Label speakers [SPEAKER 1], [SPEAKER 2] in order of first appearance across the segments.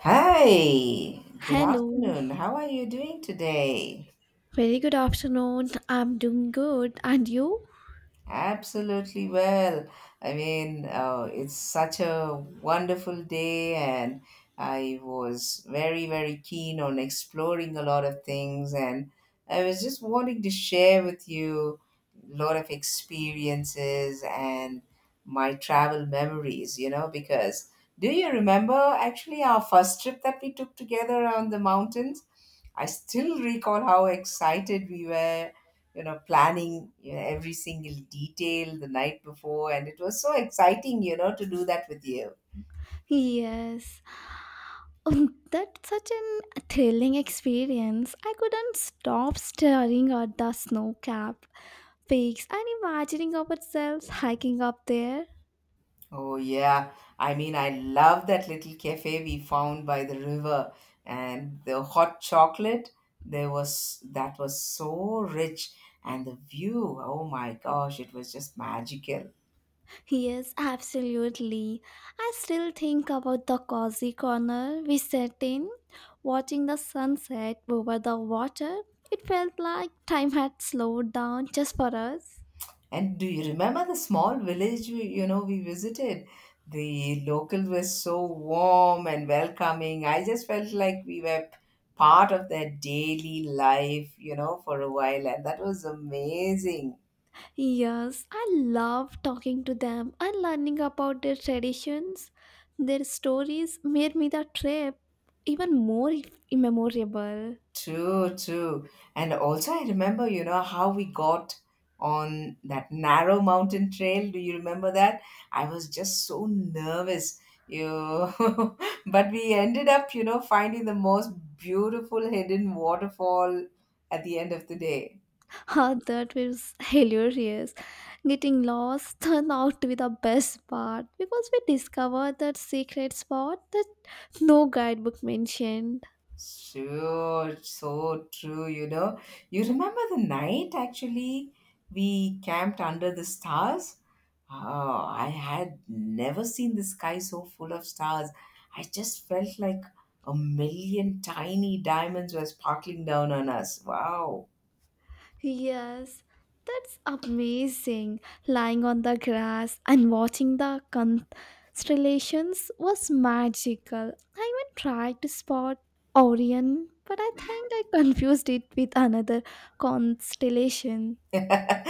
[SPEAKER 1] Hi, good
[SPEAKER 2] Hello,
[SPEAKER 1] afternoon. How are you doing today?
[SPEAKER 2] very good afternoon. I'm doing good, and you?
[SPEAKER 1] Absolutely well. I mean, it's such a wonderful day, and I was very, very keen on exploring a lot of things. And I was just wanting to share with you a lot of experiences and my travel memories, you know, because do you remember actually our first trip that we took together on the mountains? I still recall how excited we were, planning, every single detail the night before, and it was so exciting, to do that with you.
[SPEAKER 2] Yes, that's such an thrilling experience. I couldn't stop staring at the snow-capped peaks and imagining ourselves hiking up there.
[SPEAKER 1] Oh yeah, I mean I love that little cafe we found by the river, and the hot chocolate there, was that was so rich. And the view, oh my gosh, it was just magical.
[SPEAKER 2] Yes, absolutely. I still think about the cozy corner we sat in, watching the sunset over the water. It felt like time had slowed down just for us.
[SPEAKER 1] And do you remember the small village we, we visited? The locals were so warm and welcoming. I just felt like we were part of their daily life, you know, for a while, and that was amazing.
[SPEAKER 2] Yes, I love talking to them and learning about their traditions. Their stories made me the trip even more memorable.
[SPEAKER 1] True, true. And also, I remember, you know, how we got on that narrow mountain trail. Do you remember that? I was just so nervous, you. But we ended up, you know, finding the most beautiful hidden waterfall at the end of the day.
[SPEAKER 2] Ah, that was hilarious. Getting lost turned out to be the best part because we discovered that secret spot that no guidebook mentioned.
[SPEAKER 1] Sure, so true, you know. You remember the night actually we camped under the stars? Oh, I had never seen the sky so full of stars. I just felt like a million tiny diamonds were sparkling down on us. Wow.
[SPEAKER 2] Yes, that's amazing. Lying on the grass and watching the constellations was magical. I even tried to spot Orion, but I think I confused it with another constellation.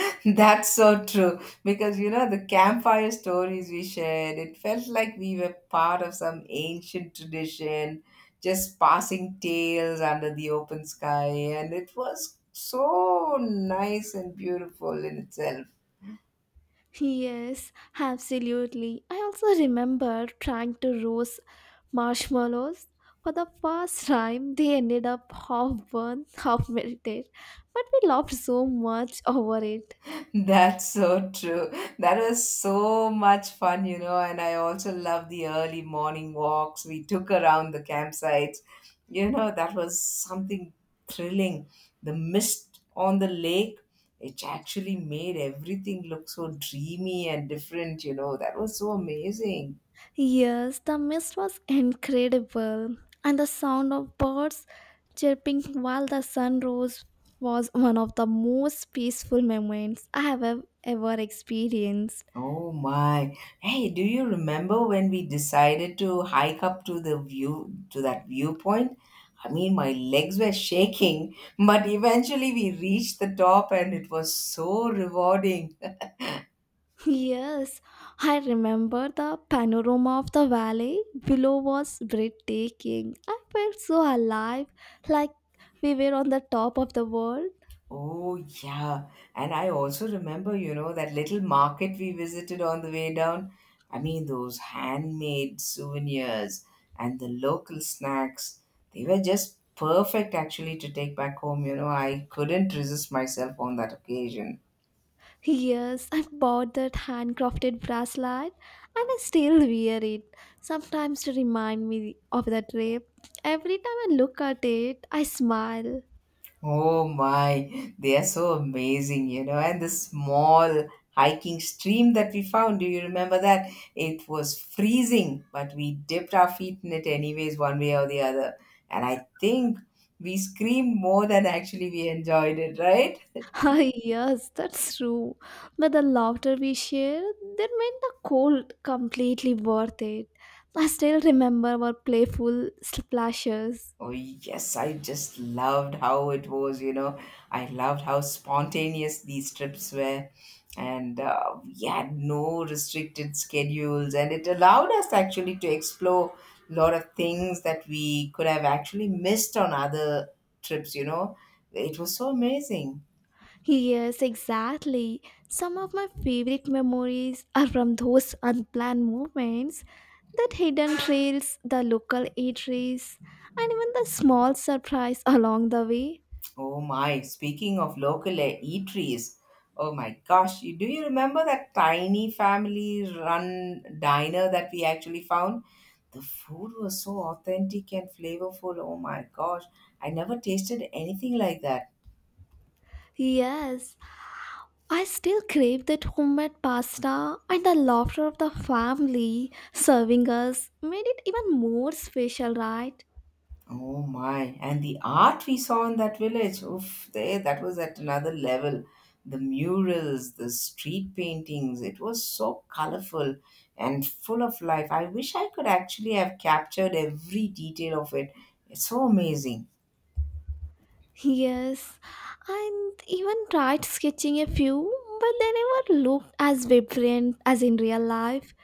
[SPEAKER 1] That's so true, because you know the campfire stories we shared, it felt like we were part of some ancient tradition, just passing tales under the open sky, and it was so nice and beautiful in itself.
[SPEAKER 2] Yes, absolutely. I also remember trying to roast marshmallows. For the first time, they ended up half burned, half melted. But we laughed so much over it.
[SPEAKER 1] That's so true. That was so much fun, you know, and I also love the early morning walks we took around the campsites. You know, that was something thrilling. The mist on the lake, it actually made everything look so dreamy and different, you know. That was so amazing.
[SPEAKER 2] Yes, the mist was incredible, and the sound of birds chirping while the sun rose was one of the most peaceful moments I have ever experienced.
[SPEAKER 1] Oh my. Hey, do you remember when we decided to hike up to the view, to that viewpoint? I mean, my legs were shaking, but eventually we reached the top and it was so rewarding.
[SPEAKER 2] Yes, I remember the panorama of the valley below was breathtaking. I felt so alive, like we were on the top of the world.
[SPEAKER 1] Oh, yeah. And I also remember, you know, that little market we visited on the way down. I mean, those handmade souvenirs and the local snacks, they were just perfect actually to take back home. You know, I couldn't resist myself on that occasion.
[SPEAKER 2] Yes, I bought that handcrafted bracelet and I still wear it, sometimes to remind me of the trip. Every time I look at it, I smile.
[SPEAKER 1] Oh my, they are so amazing, you know. And the small hiking stream that we found, do you remember that? It was freezing, but we dipped our feet in it anyways, one way or the other. And I think we screamed more than actually we enjoyed it, right?
[SPEAKER 2] Ah, yes, that's true. But the laughter we shared, that made the cold completely worth it. I still remember our playful splashes.
[SPEAKER 1] Oh, yes, I just loved how it was, you know. I loved how spontaneous these trips were. And we had no restricted schedules, and it allowed us actually to explore a lot of things that we could have actually missed on other trips, you know. It was so amazing.
[SPEAKER 2] Yes, exactly. Some of my favorite memories are from those unplanned moments, that hidden trails, the local eateries, and even the small surprise along the way.
[SPEAKER 1] Oh my, speaking of local eateries, oh my gosh, you, do you remember that tiny family run diner that we actually found? The food was so authentic and flavorful. Oh my gosh, I never tasted anything like that.
[SPEAKER 2] Yes, I still crave that homemade pasta and the laughter of the family serving us made it even more special, right?
[SPEAKER 1] Oh my, and the art we saw in that village, oof, there, that was at another level. The murals, the street paintings, it was so colorful and full of life. I wish I could actually have captured every detail of it. It's so amazing.
[SPEAKER 2] Yes, and even tried sketching a few, but they never looked as vibrant as in real life.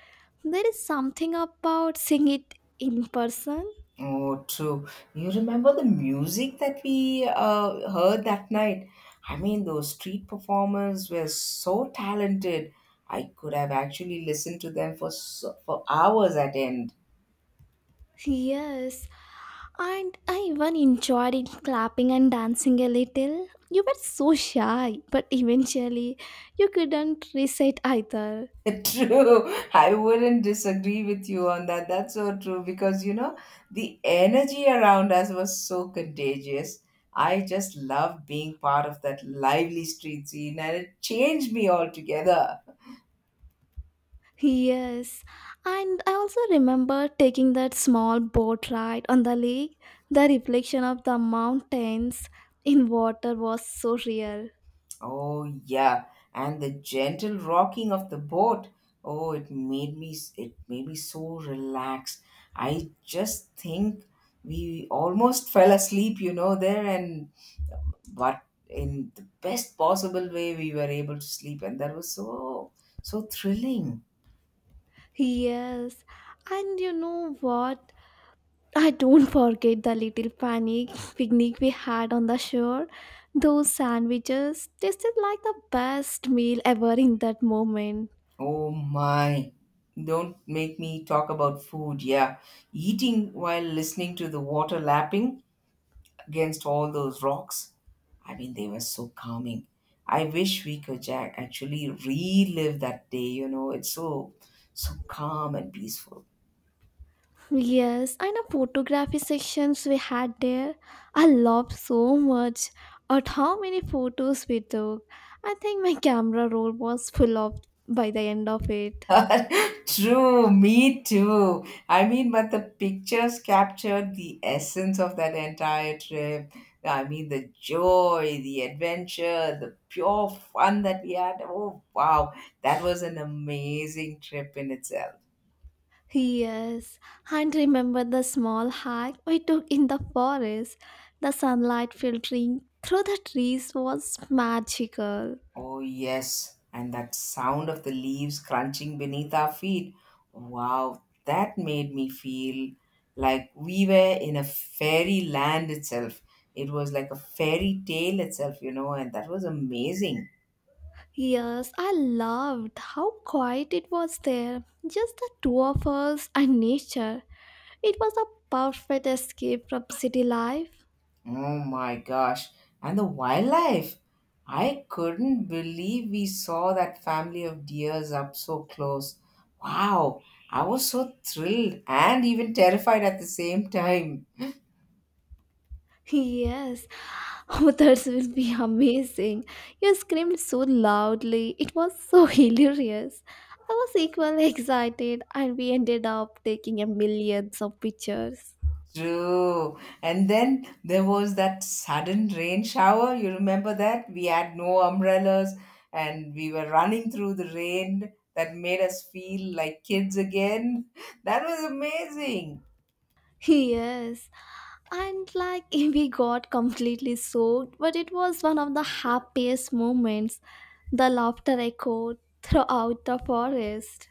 [SPEAKER 2] There is something about seeing it in person.
[SPEAKER 1] Oh, true. You remember the music that we heard that night? I mean, those street performers were so talented. I could have actually listened to them for so, for hours at end.
[SPEAKER 2] Yes, and I even enjoyed it clapping and dancing a little. You were so shy, but eventually you couldn't recite either.
[SPEAKER 1] True. I wouldn't disagree with you on that. That's so true because you know, the energy around us was so contagious. I just love being part of that lively street scene, and it changed me altogether.
[SPEAKER 2] Yes, and I also remember taking that small boat ride on the lake. The reflection of the mountains in water was so real.
[SPEAKER 1] Oh, yeah. And the gentle rocking of the boat. Oh, it made me so relaxed. I just think we almost fell asleep, you know, there, and but in the best possible way we were able to sleep, and that was so so thrilling.
[SPEAKER 2] Yes, and you know what? I don't forget the little panic picnic we had on the shore. Those sandwiches tasted like the best meal ever in that moment.
[SPEAKER 1] Oh my, don't make me talk about food, yeah. Eating while listening to the water lapping against all those rocks, I mean they were so calming. I wish we could actually relive that day, you know. It's so so calm and peaceful.
[SPEAKER 2] Yes, and the photography sections we had there, I loved so much at how many photos we took. I think my camera roll was full of by the end of it.
[SPEAKER 1] True, me too. I mean, but the pictures captured the essence of that entire trip. I mean, the joy, the adventure, the pure fun that we had. Oh, wow. That was an amazing trip in itself.
[SPEAKER 2] Yes, and remember the small hike we took in the forest. The sunlight filtering through the trees was magical.
[SPEAKER 1] Oh, yes, and that sound of the leaves crunching beneath our feet. Wow, that made me feel like we were in a fairy land itself. It was like a fairy tale itself, you know, and that was amazing.
[SPEAKER 2] Yes, I loved how quiet it was there. Just the two of us and nature. It was a perfect escape from city life.
[SPEAKER 1] Oh my gosh. And the wildlife. I couldn't believe we saw that family of deers up so close. Wow, I was so thrilled and even terrified at the same time.
[SPEAKER 2] Yes, others will be amazing. You screamed so loudly. It was so hilarious. I was equally excited, and we ended up taking a millions of pictures.
[SPEAKER 1] True. And then there was that sudden rain shower. You remember that? We had no umbrellas and we were running through the rain, that made us feel like kids again. That was amazing.
[SPEAKER 2] Yes, and like we got completely soaked, but it was one of the happiest moments. The laughter echoed throughout the forest.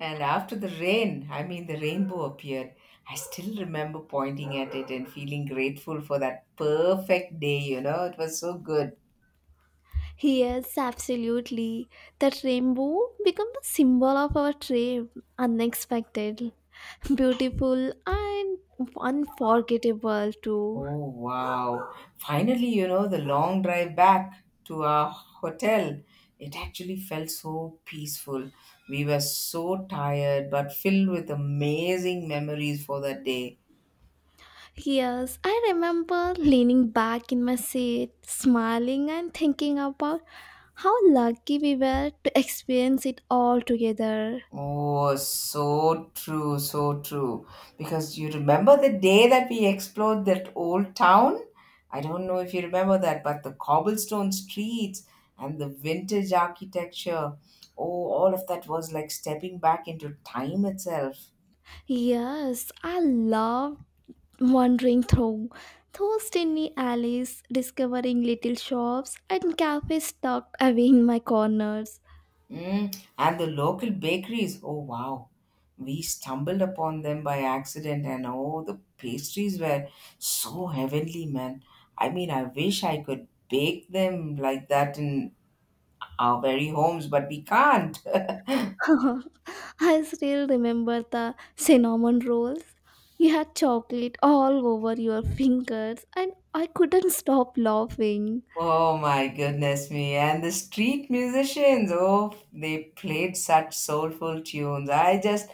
[SPEAKER 1] And after the rain, I mean, the rainbow appeared. I still remember pointing at it and feeling grateful for that perfect day, you know? It was so good.
[SPEAKER 2] Yes, absolutely. That rainbow became the symbol of our trip. Unexpected, beautiful, and unforgettable too.
[SPEAKER 1] Oh, wow. Finally, you know, the long drive back to our hotel, it actually felt so peaceful. We were so tired, but filled with amazing memories for that day.
[SPEAKER 2] Yes, I remember leaning back in my seat, smiling and thinking about how lucky we were to experience it all together.
[SPEAKER 1] Oh, so true, so true. Because you remember the day that we explored that old town? I don't know if you remember that, but the cobblestone streets and the vintage architecture. Oh, all of that was like stepping back into time itself.
[SPEAKER 2] Yes, I loved wandering through those tiny alleys, discovering little shops and cafes tucked away in my corners.
[SPEAKER 1] Mm, and the local bakeries, oh wow. We stumbled upon them by accident, and oh, the pastries were so heavenly, man. I mean, I wish I could bake them like that in our very homes, but we can't.
[SPEAKER 2] I still remember the cinnamon rolls. You had chocolate all over your fingers, and I couldn't stop laughing.
[SPEAKER 1] Oh my goodness me. And the street musicians, oh, they played such soulful tunes. I just,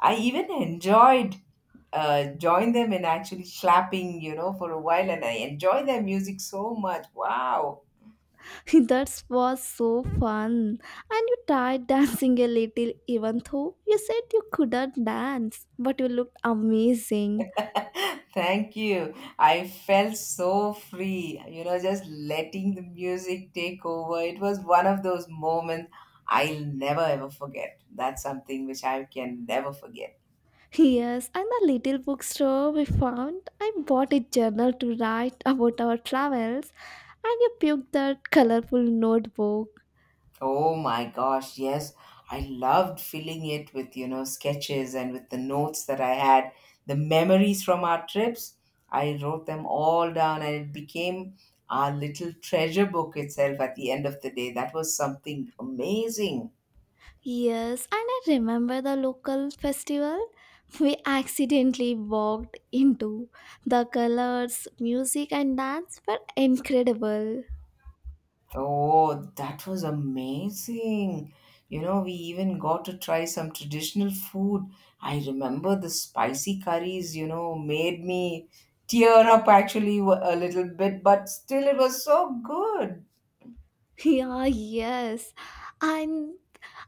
[SPEAKER 1] I even enjoyed join them in actually slapping, you know, for a while, and I enjoy their music so much. Wow,
[SPEAKER 2] that was so fun. And you tried dancing a little, even though you said you couldn't dance, but you looked amazing.
[SPEAKER 1] thank you. I felt so free, you know, just letting the music take over. It was one of those moments I'll never ever forget. That's something which I can never forget.
[SPEAKER 2] Yes, and the little bookstore we found, I bought a journal to write about our travels, and you picked that colorful notebook.
[SPEAKER 1] Oh my gosh, yes. I loved filling it with, you know, sketches and with the notes that I had, the memories from our trips. I wrote them all down and it became our little treasure book itself at the end of the day. That was something amazing.
[SPEAKER 2] Yes, and I remember the local festival we accidentally walked into. The colors, music, and dance were incredible.
[SPEAKER 1] Oh, that was amazing. You know, we even got to try some traditional food. I remember the spicy curries, you know, made me tear up actually a little bit, but still it was so good.
[SPEAKER 2] Yeah, yes. And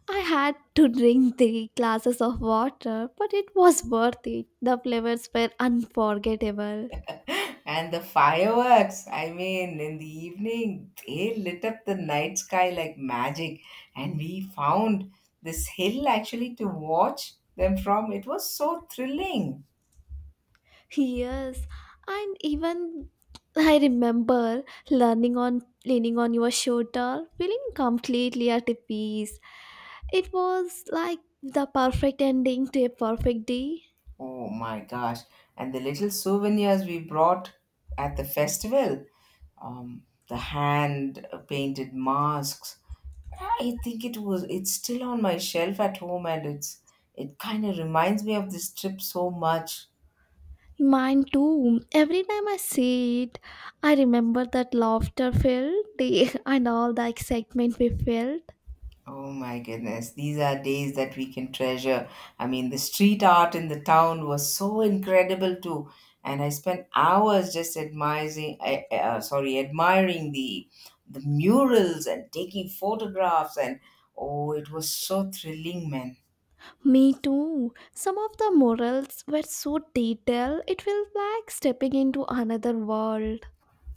[SPEAKER 2] I had to drink three glasses of water, but it was worth it. The flavors were unforgettable.
[SPEAKER 1] And the fireworks, I mean, in the evening, they lit up the night sky like magic. And we found this hill actually to watch them from. It was so thrilling.
[SPEAKER 2] Yes, and even I remember learning on leaning on your shoulder, feeling completely at peace. It was like the perfect ending to a perfect day.
[SPEAKER 1] Oh my gosh. And the little souvenirs we brought at the festival, um, the hand painted masks. I think it's still on my shelf at home, and it kind of reminds me of this trip so much.
[SPEAKER 2] Mine too. Every time I see it, I remember that laughter filled day and all the excitement we felt.
[SPEAKER 1] Oh my goodness, these are days that we can treasure. I mean, the street art in the town was so incredible too, and I spent hours just admiring, sorry, admiring the murals and taking photographs, and oh, it was so thrilling, man.
[SPEAKER 2] Me too. Some of the morals were so detailed, it felt like stepping into another world.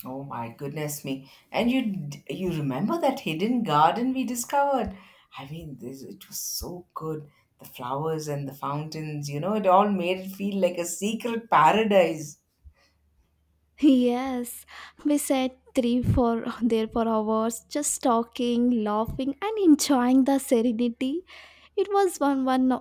[SPEAKER 1] Oh my goodness me! And you you remember that hidden garden we discovered? I mean, this it was so good. The flowers and the fountains, you know, it all made it feel like a secret paradise.
[SPEAKER 2] Yes, we sat three for there for hours, just talking, laughing, and enjoying the serenity. It was one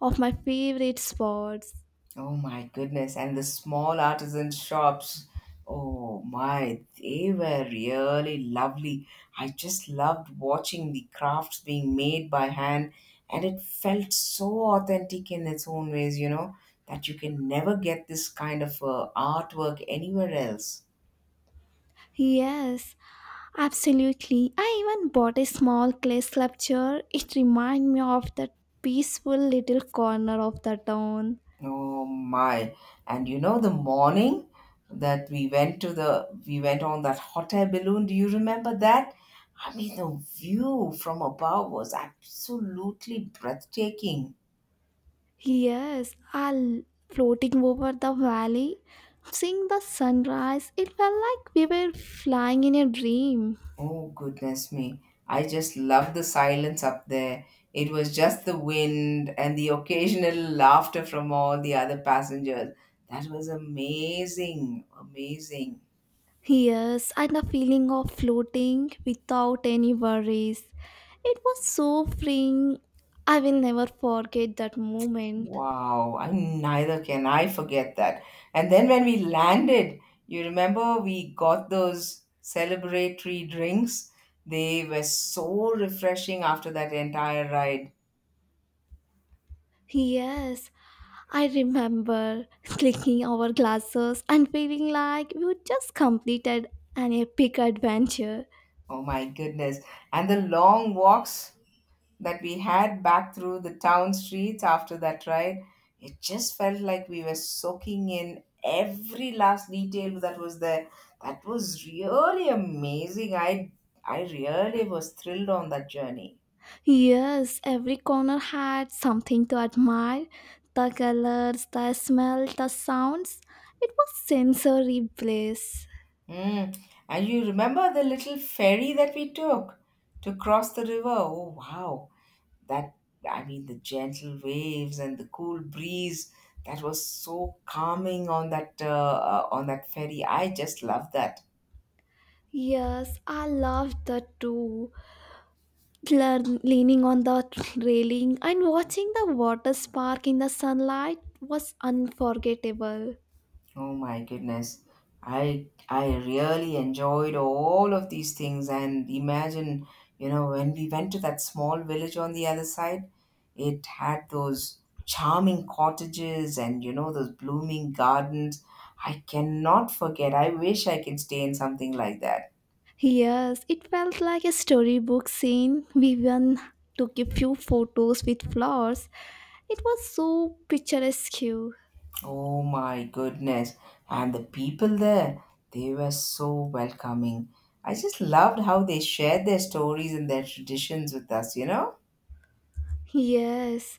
[SPEAKER 2] of my favorite spots.
[SPEAKER 1] Oh my goodness. And the small artisan shops. Oh my, they were really lovely. I just loved watching the crafts being made by hand, and it felt so authentic in its own ways, you know, that you can never get this kind of artwork anywhere else.
[SPEAKER 2] Yes, absolutely. I even bought a small clay sculpture. It reminded me of that peaceful little corner of the town.
[SPEAKER 1] Oh my. And you know the morning that we went to the we went on that hot air balloon, do you remember that? I mean the view from above was absolutely breathtaking.
[SPEAKER 2] Yes, I'll floating over the valley, seeing the sunrise. It felt like we were flying in a dream.
[SPEAKER 1] Oh goodness me. I just loved the silence up there. It was just the wind and the occasional laughter from all the other passengers. That was amazing, amazing.
[SPEAKER 2] Yes, and the feeling of floating without any worries. It was so freeing. I will never forget that moment.
[SPEAKER 1] Wow, I neither can I forget that. And then when we landed, you remember we got those celebratory drinks? They were so refreshing after that entire ride.
[SPEAKER 2] Yes, I remember clicking our glasses and feeling like we had just completed an epic adventure.
[SPEAKER 1] Oh my goodness. And the long walks that we had back through the town streets after that ride, it just felt like we were soaking in every last detail that was there. That was really amazing. I really was thrilled on that journey.
[SPEAKER 2] Yes, every corner had something to admire the colors, the smell, the sounds. It was sensory bliss.
[SPEAKER 1] Mm. And you remember the little ferry that we took to cross the river? Oh, wow. That, I mean, the gentle waves and the cool breeze. That was so calming on that ferry. I just love that.
[SPEAKER 2] Yes, I loved that too. Leaning on the railing and watching the water spark in the sunlight was unforgettable.
[SPEAKER 1] Oh my goodness. I really enjoyed all of these things and imagine, you know, when we went to that small village on the other side, it had those charming cottages and you know those blooming gardens. I cannot forget. I wish I can stay in something like that.
[SPEAKER 2] Yes, it felt like a storybook scene. We even took a few photos with flowers. It was so picturesque.
[SPEAKER 1] Oh my goodness. And the people there, they were so welcoming. I just loved how they shared their stories and their traditions with us, you know?
[SPEAKER 2] Yes,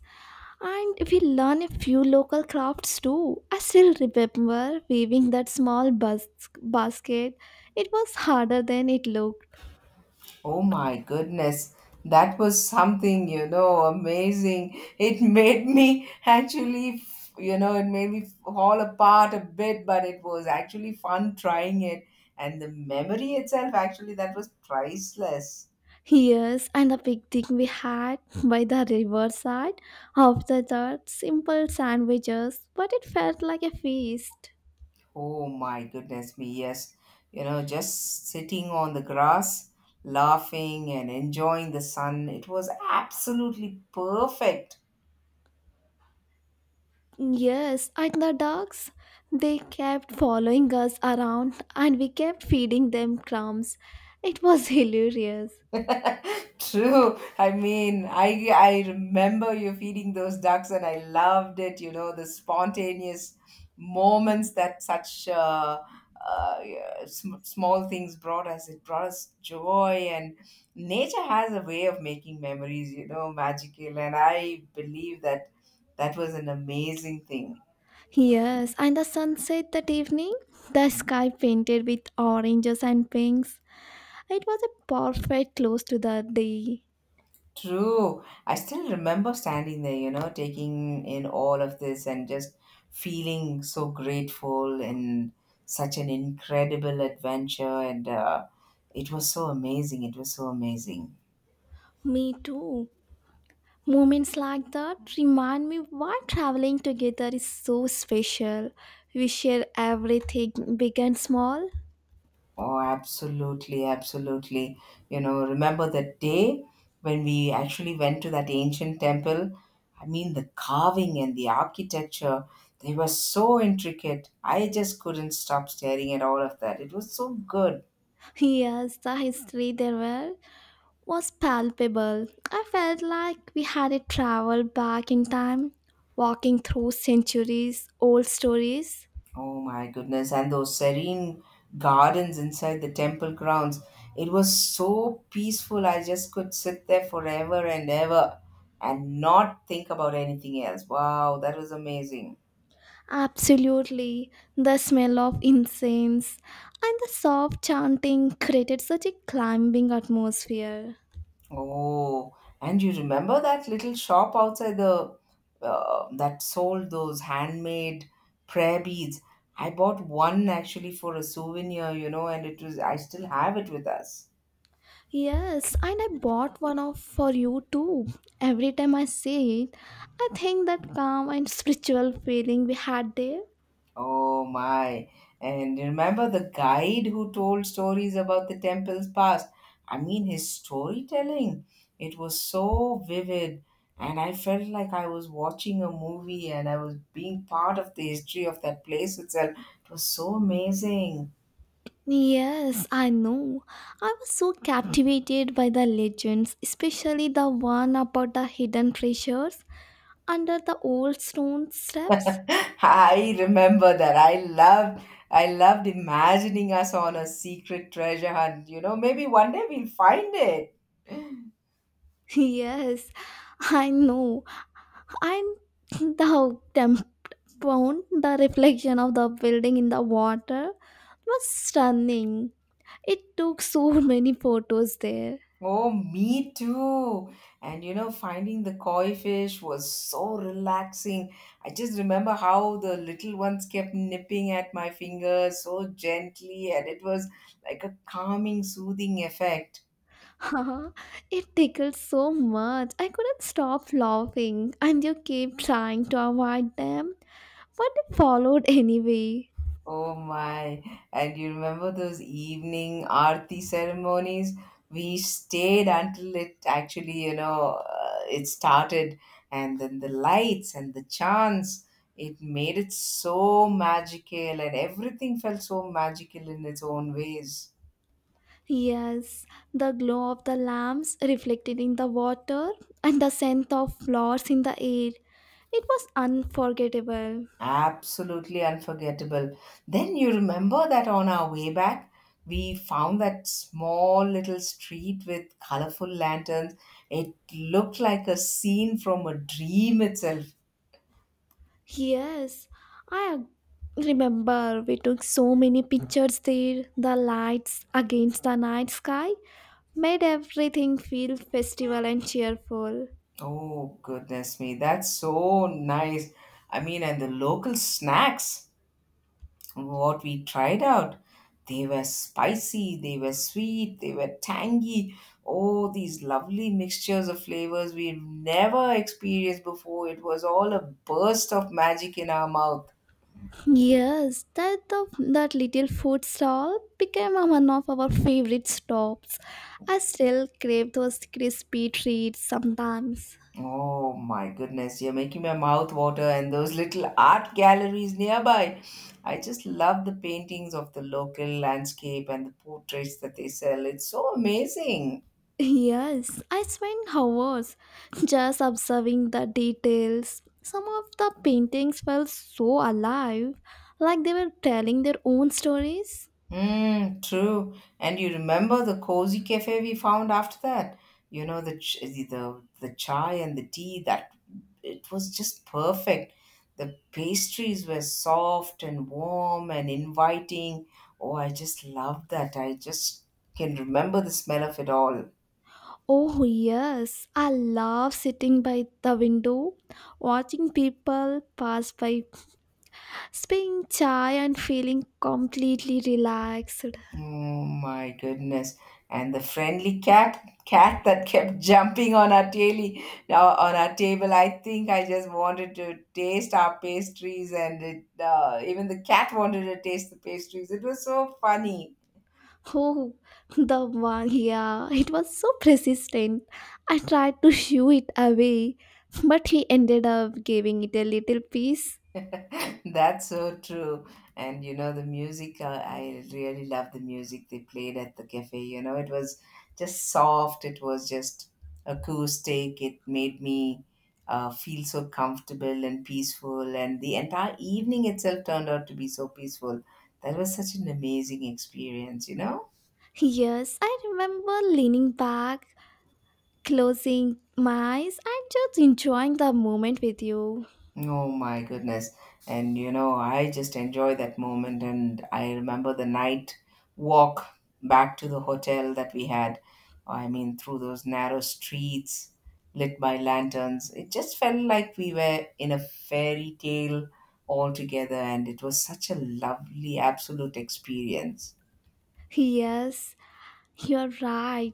[SPEAKER 2] and we learned a few local crafts too. I still remember weaving that small basket. It was harder than it looked.
[SPEAKER 1] Oh my goodness, that was something, you know, amazing. It made me actually, you know, it made me fall apart a bit, but it was actually fun trying it. And the memory itself, actually, that was priceless.
[SPEAKER 2] Yes, and the picnic we had by the riverside after that simple sandwiches, but it felt like a feast.
[SPEAKER 1] Oh my goodness me, yes. You know, just sitting on the grass, laughing and enjoying the sun, it was absolutely perfect.
[SPEAKER 2] Yes, and the dogs, they kept following us around and we kept feeding them crumbs. It was hilarious.
[SPEAKER 1] True. I mean, I remember you feeding those ducks, and I loved it. You know, the spontaneous moments that such yeah, small things brought us. It brought us joy, and nature has a way of making memories. You know, magical, and I believe that that was an amazing thing.
[SPEAKER 2] Yes, and the sunset that evening, the sky painted with oranges and pinks. It was a perfect close to the day.
[SPEAKER 1] True. I still remember standing there, you know, taking in all of this and just feeling so grateful and such an incredible adventure. And it was so amazing. It was so amazing.
[SPEAKER 2] Me too. Moments like that remind me why traveling together is so special. We share everything, big and small.
[SPEAKER 1] Oh, absolutely. Absolutely. You know, remember that day when we actually went to that ancient temple? I mean, the carving and the architecture, they were so intricate. I just couldn't stop staring at all of that. It was so good.
[SPEAKER 2] Yes, the history there were was palpable. I felt like we had a travel back in time, walking through centuries old stories.
[SPEAKER 1] Oh my goodness, and those serene gardens inside the temple grounds. It was so peaceful. I just could sit there forever and ever and not think about anything else. Wow, that was amazing.
[SPEAKER 2] Absolutely, the smell of incense and the soft chanting created such a climbing atmosphere.
[SPEAKER 1] Oh, and you remember that little shop outside the that sold those handmade prayer beads? I bought one actually for a souvenir, you know, and it was I still have it with us.
[SPEAKER 2] Yes, and I bought one of for you too. Every time I see it, I think that calm and spiritual feeling we had there.
[SPEAKER 1] Oh my. And remember the guide who told stories about the temple's past? I mean, his storytelling, it was so vivid. And I felt like I was watching a movie and I was being part of the history of that place itself. It was so amazing.
[SPEAKER 2] Yes, I know. I was so captivated by the legends, especially the one about the hidden treasures under the old stone steps.
[SPEAKER 1] I remember that. I loved imagining us on a secret treasure hunt. You know, maybe one day we'll find it.
[SPEAKER 2] Yes, I know. And the temple, the reflection of the building in the water was stunning. It took so many photos there.
[SPEAKER 1] Oh, me too. And you know, finding the koi fish was so relaxing. I just remember how the little ones kept nipping at my fingers so gently, and it was like a calming, soothing effect.
[SPEAKER 2] it tickled so much. I couldn't stop laughing, and you kept trying to avoid them, but it followed anyway.
[SPEAKER 1] Oh my. And you remember those evening aarti ceremonies? We stayed until it actually, you know, it started, and then the lights and the chants. It made it so magical, and everything felt so magical in its own ways.
[SPEAKER 2] Yes, the glow of the lamps reflected in the water and the scent of flowers in the air. It was unforgettable.
[SPEAKER 1] Absolutely unforgettable. Then you remember that on our way back, we found that small little street with colorful lanterns. It looked like a scene from a dream itself.
[SPEAKER 2] Yes, I remember we took so many pictures there. The lights against the night sky made everything feel festival and cheerful.
[SPEAKER 1] Oh, goodness me, that's so nice. I mean, and the local snacks. What we tried out. They were spicy, they were sweet, they were tangy. Oh, these lovely mixtures of flavors we've never experienced before. It was all a burst of magic in our mouth.
[SPEAKER 2] Yes, that the that little food stall became a one of our favorite stops. I still crave those crispy treats sometimes.
[SPEAKER 1] Oh my goodness, you're making my mouth water and those little art galleries nearby. I just love the paintings of the local landscape and the portraits that they sell. It's so amazing.
[SPEAKER 2] Yes, I spent hours just observing the details. Some of the paintings felt so alive, like they were telling their own stories.
[SPEAKER 1] Mm, true. And you remember the cozy cafe we found after that? You know, the chai and the tea that it was just perfect. The pastries were soft and warm and inviting. Oh, I just loved that. I just can remember the smell of it all.
[SPEAKER 2] Oh, yes, I love sitting by the window, watching people pass by Spring chai and feeling completely relaxed.
[SPEAKER 1] Oh my goodness. And the friendly cat that kept jumping on our daily, on our table. I think I just wanted to taste our pastries, and it, even the cat wanted to taste the pastries. It was so funny.
[SPEAKER 2] Oh, the one, yeah, it was so persistent. I tried to shoo it away, but he ended up giving it a little piece.
[SPEAKER 1] That's so true. And you know, the music, I really love the music they played at the cafe. You know, it was just soft, it was just acoustic, it made me feel so comfortable and peaceful. And the entire evening itself turned out to be so peaceful. That was such an amazing experience, you know?
[SPEAKER 2] Yes, I remember leaning back, closing my eyes, and just enjoying the moment with you.
[SPEAKER 1] Oh my goodness. And you know, I just enjoy that moment. And I remember the night walk back to the hotel that we had. I mean, through those narrow streets lit by lanterns. It just felt like we were in a fairy tale altogether. And it was such a lovely, absolute experience.
[SPEAKER 2] Yes, you're right.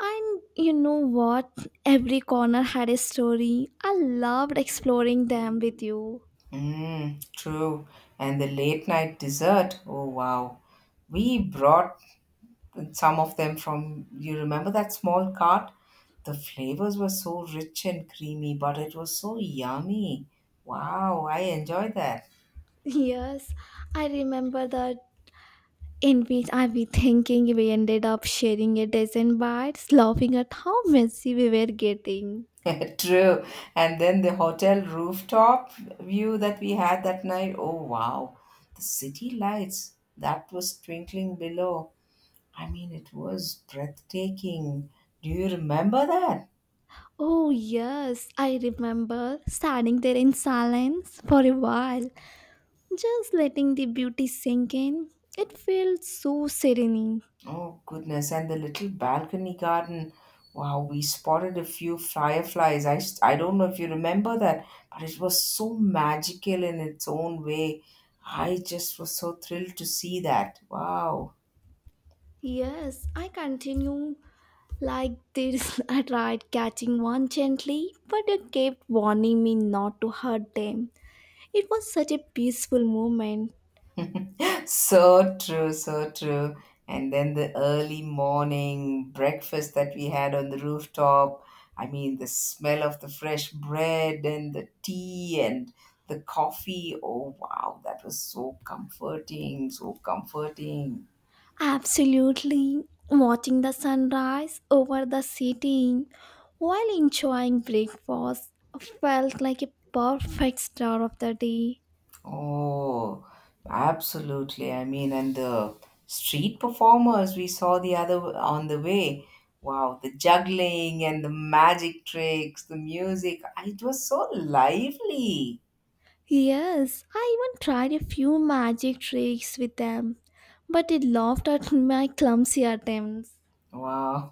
[SPEAKER 2] And you know what? Every corner had a story. I loved exploring them with you.
[SPEAKER 1] Mm, true. And the late night dessert. Oh, wow. We brought and some of them from you remember that small cart the flavors were so rich and creamy but it was so yummy wow I enjoyed
[SPEAKER 2] Yes, I remember the in which I be thinking we ended up sharing a dozen bites, laughing at how messy we were getting.
[SPEAKER 1] that. True. And then the hotel rooftop view that we had that night, oh wow, the city lights that was twinkling below, I mean it was breathtaking. Do you remember that?
[SPEAKER 2] Oh yes, I remember standing there in silence for a while, just letting the beauty sink in. It felt so serene.
[SPEAKER 1] Oh, goodness. And the little balcony garden. Wow, we spotted a few fireflies. I, I don't know if you remember that, but it was so magical in its own way. I just was so thrilled to see that. Wow.
[SPEAKER 2] Yes, I continue like this. I tried catching one gently, but it kept warning me not to hurt them. It was such a peaceful moment.
[SPEAKER 1] So true, so true. And then the early morning breakfast that we had on the rooftop. I mean, the smell of the fresh bread and the tea and the coffee. Oh, wow, that was so comforting, so comforting.
[SPEAKER 2] Absolutely. Watching the sunrise over the city while enjoying breakfast felt like a perfect start of the day.
[SPEAKER 1] Oh, absolutely. I mean, and the street performers we saw the other on the way. Wow, the juggling and the magic tricks, the music. It was so lively.
[SPEAKER 2] Yes, I even tried a few magic tricks with them, but they laughed at my clumsy attempts.
[SPEAKER 1] Wow.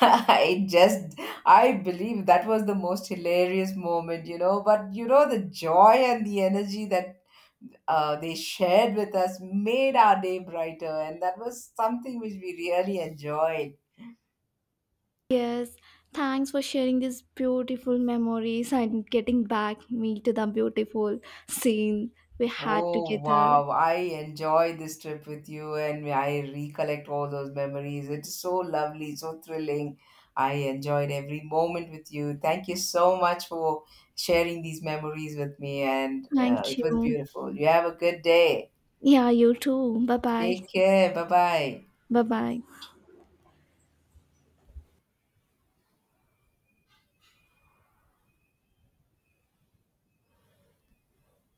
[SPEAKER 1] I just, I believe that was the most hilarious moment, you know. But, you know, the joy and the energy that they shared with us made our day brighter. And that was something which we really enjoyed.
[SPEAKER 2] Yes, thanks for sharing these beautiful memories and getting back me to the beautiful scene we had
[SPEAKER 1] Oh
[SPEAKER 2] together.
[SPEAKER 1] wow, I enjoy this trip with you and I recollect all those memories. It's so lovely, so thrilling. I enjoyed every moment with you. Thank you so much for sharing these memories with me, and
[SPEAKER 2] Thank
[SPEAKER 1] it was
[SPEAKER 2] you.
[SPEAKER 1] beautiful. You have a good day.
[SPEAKER 2] Yeah, you too. Bye bye.
[SPEAKER 1] Take care. Bye bye.
[SPEAKER 2] Bye bye.